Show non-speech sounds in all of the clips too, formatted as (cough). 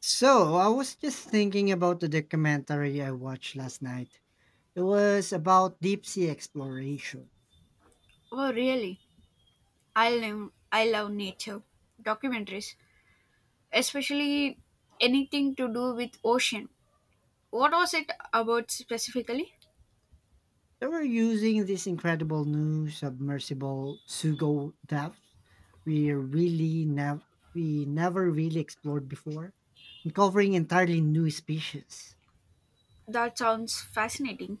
So, I was just thinking about the documentary I watched last night. It was about deep sea exploration. Oh, really? I love nature documentaries, especially anything to do with ocean. What was it about specifically? They were using this incredible new submersible Sugo depths we really we never really explored before, uncovering entirely new species. That sounds fascinating.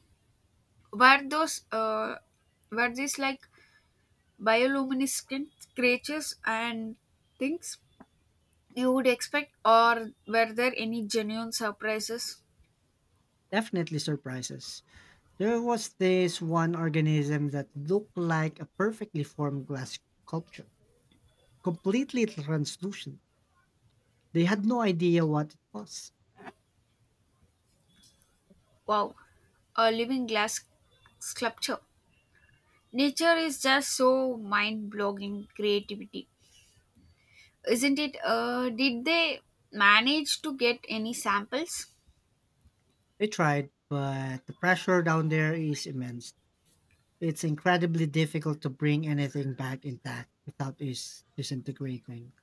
Were those uh, were these like bioluminescent creatures and things you would expect, or were there any genuine surprises? Definitely surprises. There was this one organism that looked like a perfectly formed glass sculpture, completely translucent. They had no idea what it was. Wow, a living glass sculpture. Nature is just so mind-blogging creativity. Isn't it? Did they manage to get any samples? They tried, but the pressure down there is immense. It's incredibly difficult to bring anything back intact without is disintegrating.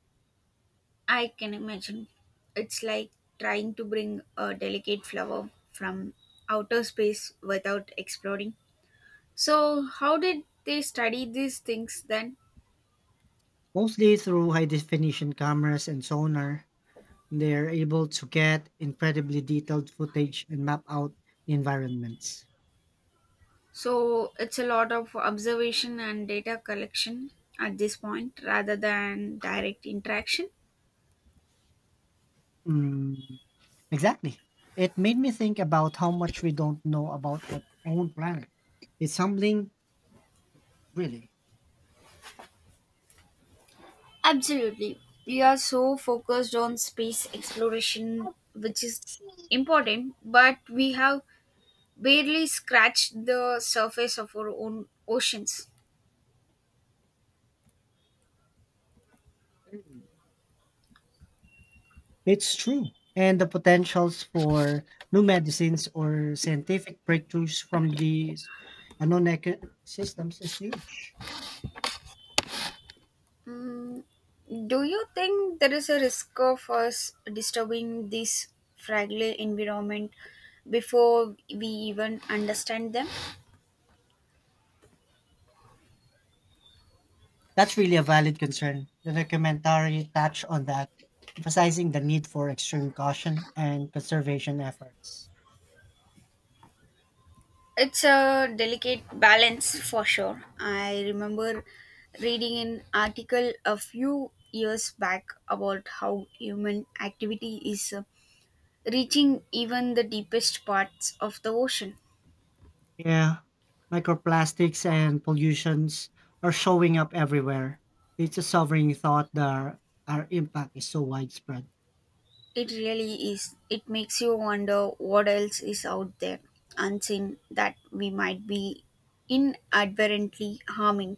I can imagine. It's like trying to bring a delicate flower from outer space without exploding. So, how did they study these things then? Mostly through high definition cameras and sonar, they're able to get incredibly detailed footage and map out the environments. So, it's a lot of observation and data collection at this point rather than direct interaction. Mm, exactly. It made me think about how much we don't know about our own planet. It's humbling, really. Absolutely. We are so focused on space exploration, which is (laughs) important, but we have barely scratched the surface of our own oceans. Mm. It's true. And the potentials for new medicines or scientific breakthroughs from these unknown systems is huge. Mm, do you think there is a risk of us disturbing this fragile environment before we even understand them? That's really a valid concern. The documentary touched on that, emphasizing the need for extreme caution and conservation efforts. It's a delicate balance for sure. I remember reading an article a few years back about how human activity is reaching even the deepest parts of the ocean. Yeah, microplastics and pollutions are showing up everywhere. It's a sobering thought that our impact is so widespread. It really is. It makes you wonder what else is out there, unseen, that we might be inadvertently harming.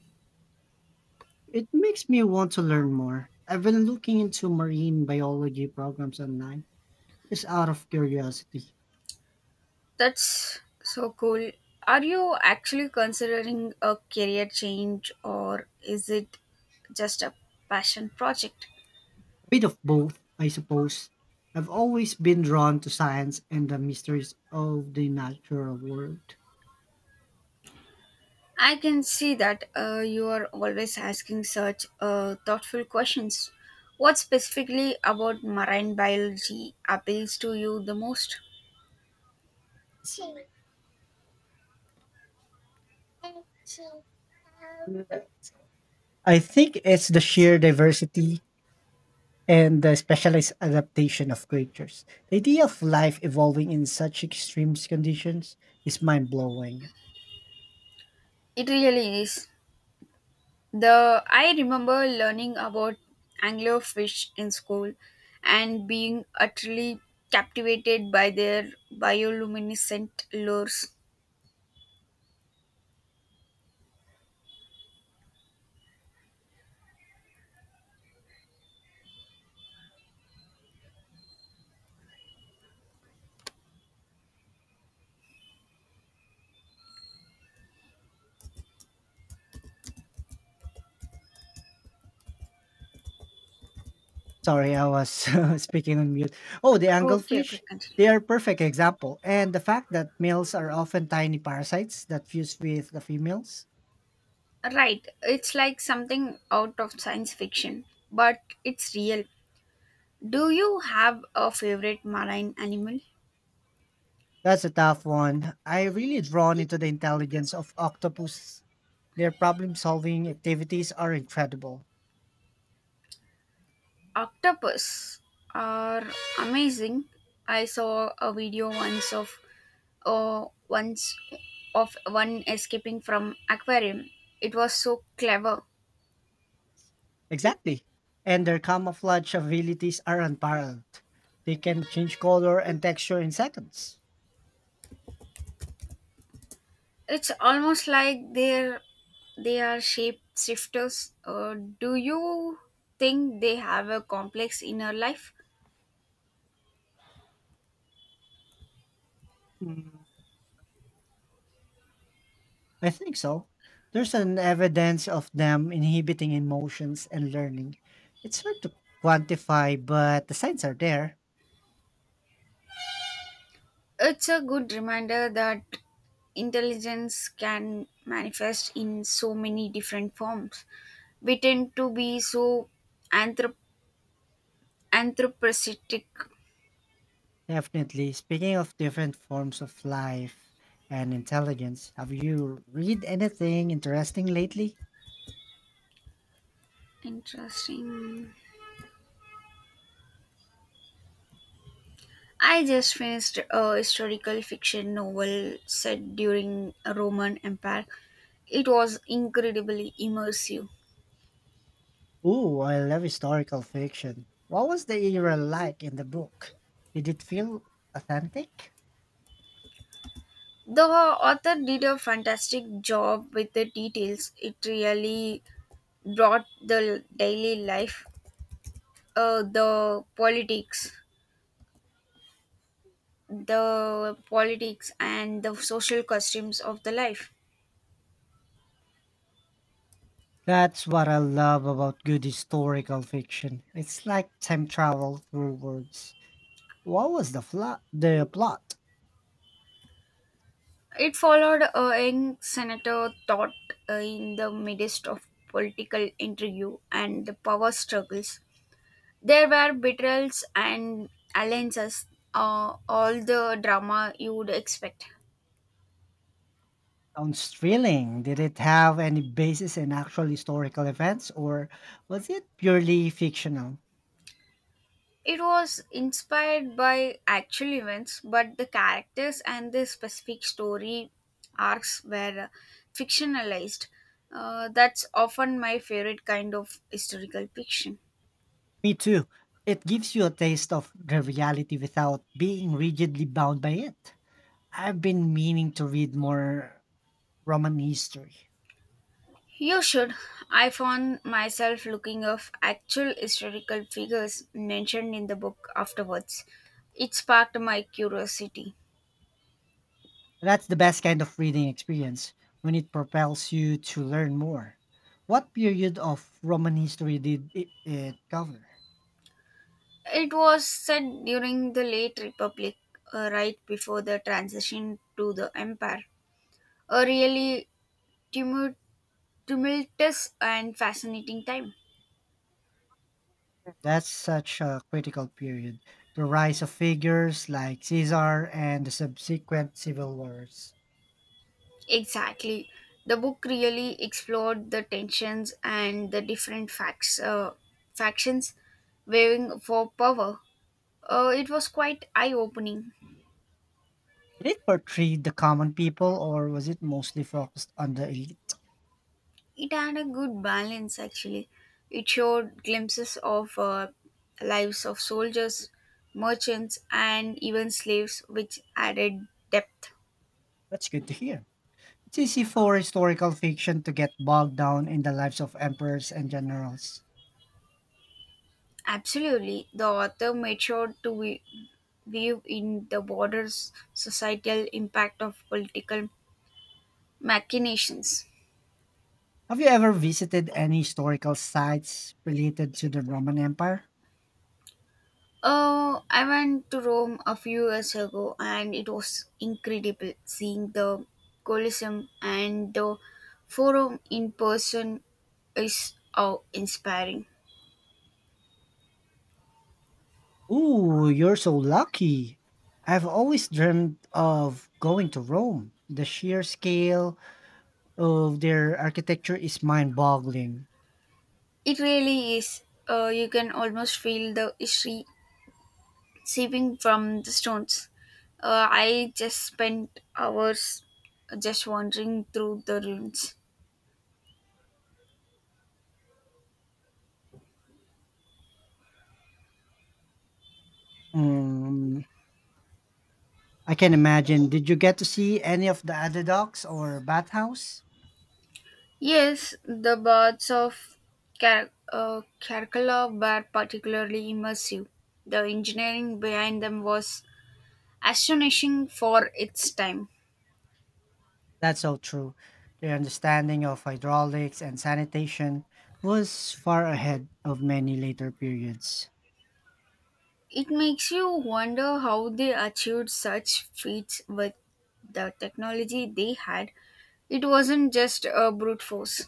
It makes me want to learn more. I've been looking into marine biology programs online, just out of curiosity. That's so cool. Are you actually considering a career change or is it just a passion project? A bit of both, I suppose. I've always been drawn to science and the mysteries of the natural world. I can see that you are always asking such thoughtful questions. What specifically about marine biology appeals to you the most? I think it's the sheer diversity and the specialized adaptation of creatures. The idea of life evolving in such extreme conditions is mind blowing. It really is. The I remember learning about anglerfish in school and being utterly captivated by their bioluminescent lures. Sorry, I was (laughs) speaking on mute. Oh, the Okay, anglefish, okay, continue. they are perfect example. And the fact that males are often tiny parasites that fuse with the females, Right, it's like something out of science fiction, but it's real. Do you have a favorite marine animal? that's a tough one. I really drawn into the intelligence of octopus. Their problem solving activities are incredible. Octopus are amazing. I saw a video once of one escaping from aquarium. It was so clever. Exactly. And their camouflage abilities are unparalleled. They can change color and texture in seconds. It's almost like they are shape shifters. Do you think they have a complex inner life? Mm, I think so. There's an evidence of them inhibiting emotions and learning. It's hard to quantify, but the signs are there. It's a good reminder that intelligence can manifest in so many different forms. We tend to be so anthrop- anthropocentric. Definitely. Speaking of different forms of life and intelligence, have you read anything interesting lately? Interesting. I just finished a historical fiction novel set during a Roman Empire. It was incredibly immersive. Ooh, I love historical fiction. What was the era like in the book? Did it feel authentic? The author did a fantastic job with the details. It really brought the daily life uh, the politics the politics and the social customs of the life That's what I love about good historical fiction. It's like time travel through words. What was the the plot? it followed a young senator thought in the midst of political intrigue and the power struggles there were betrayals and alliances, all the drama you would expect. Sounds thrilling. Did it have any basis in actual historical events or was it purely fictional? It was inspired by actual events, but the characters and the specific story arcs were fictionalized. That's often my favorite kind of historical fiction. Me too. It gives you a taste of the reality without being rigidly bound by it. I've been meaning to read more Roman history. You should. I found myself looking up actual historical figures mentioned in the book afterwards. It sparked my curiosity. That's the best kind of reading experience when it propels you to learn more. What period of Roman history did it cover? It was set during the late Republic, right before the transition to the Empire. A really tumu- tumultuous and fascinating time. That's such a critical period. The rise of figures like Caesar and the subsequent civil wars. Exactly. The book really explored the tensions and the different factions waving for power. It was quite eye opening. Did it portray the common people or was it mostly focused on the elite? It had a good balance, actually. It showed glimpses of lives of soldiers, merchants, and even slaves, which added depth. That's good to hear. It's easy for historical fiction to get bogged down in the lives of emperors and generals. Absolutely. The author made sure to weave in the broader societal impact of political machinations. Have you ever visited any historical sites related to the Roman Empire? Oh, I went to Rome a few years ago and it was incredible seeing the Colosseum and the Forum in person is awe inspiring. Ooh, you're so lucky. I've always dreamed of going to Rome. The sheer scale, of their architecture is mind-boggling. It really is. You can almost feel the history seeping from the stones. I just spent hours just wandering through the ruins. Um, I can imagine. Did you get to see any of the other docks or bathhouse? Yes, the baths of Caracalla were particularly immersive. The engineering behind them was astonishing for its time. That's so true. Their understanding of hydraulics and sanitation was far ahead of many later periods. It makes you wonder how they achieved such feats with the technology they had. It wasn't just a brute force.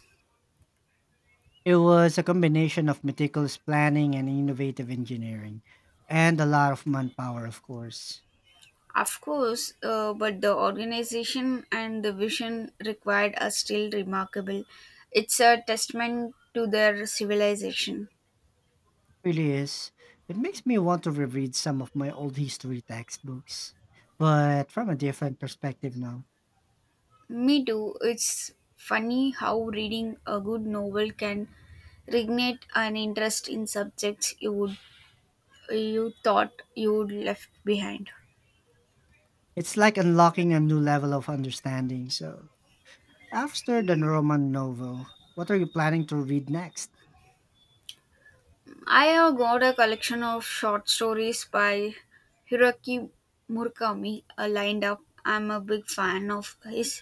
It was a combination of meticulous planning and innovative engineering, and a lot of manpower, of course. Of course, but the organization and the vision required are still remarkable. It's a testament to their civilization. Really is. It makes me want to reread some of my old history textbooks, but from a different perspective now. Me too. It's funny how reading a good novel can reignite an interest in subjects you thought you'd left behind. It's like unlocking a new level of understanding. So, after the Roman novel, what are you planning to read next? I have got a collection of short stories by Hiroki Murakami lined up. I'm a big fan of his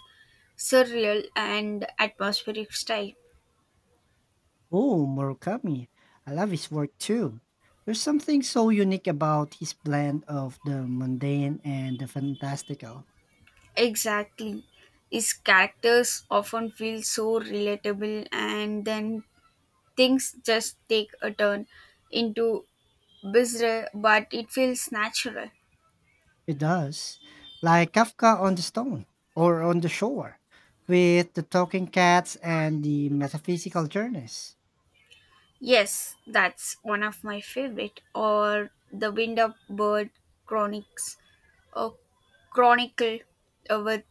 surreal and atmospheric style. Oh, Murakami. I love his work too. There's something so unique about his blend of the mundane and the fantastical. Exactly. His characters often feel so relatable and then things just take a turn into bizarre, but it feels natural. It does. Like Kafka on the Stone or on the Shore with the talking cats and the metaphysical journeys. Yes, that's one of my favorite. Or the Wind Up Bird Chronics, a chronicle with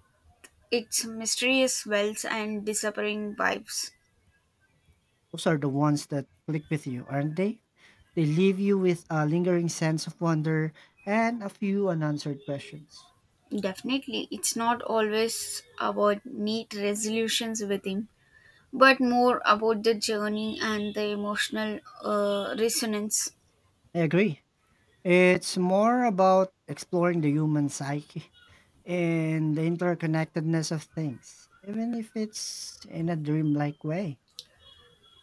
its mysterious wells and disappearing vibes. Those are the ones that click with you, aren't they? They leave you with a lingering sense of wonder and a few unanswered questions. Definitely, it's not always about neat resolutions within, but more about the journey and the emotional resonance. I agree. It's more about exploring the human psyche and the interconnectedness of things, even if it's in a dreamlike way.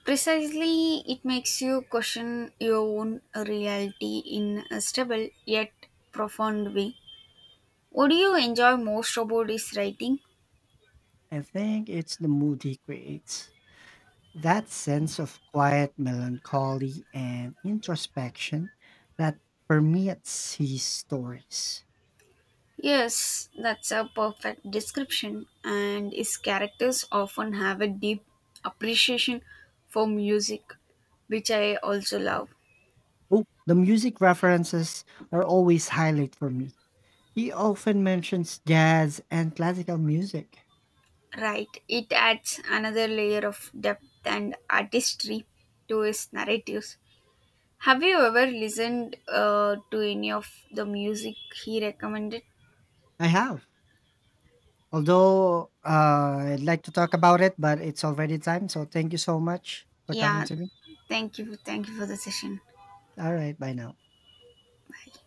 Precisely, it makes you question your own reality in a stable yet profound way. What do you enjoy most about his writing? I think it's the mood he creates. That sense of quiet melancholy and introspection that permeates his stories. Yes, that's a perfect description, and his characters often have a deep appreciation for music, which I also love. Oh, the music references are always highlight for me. He often mentions jazz and classical music. Right, it adds another layer of depth and artistry to his narratives. Have you ever listened to any of the music he recommended? I have. Although I'd like to talk about it, but it's already time. So thank you so much for talking Yeah, to me. thank you. Thank you for the session. All right, bye now. Bye.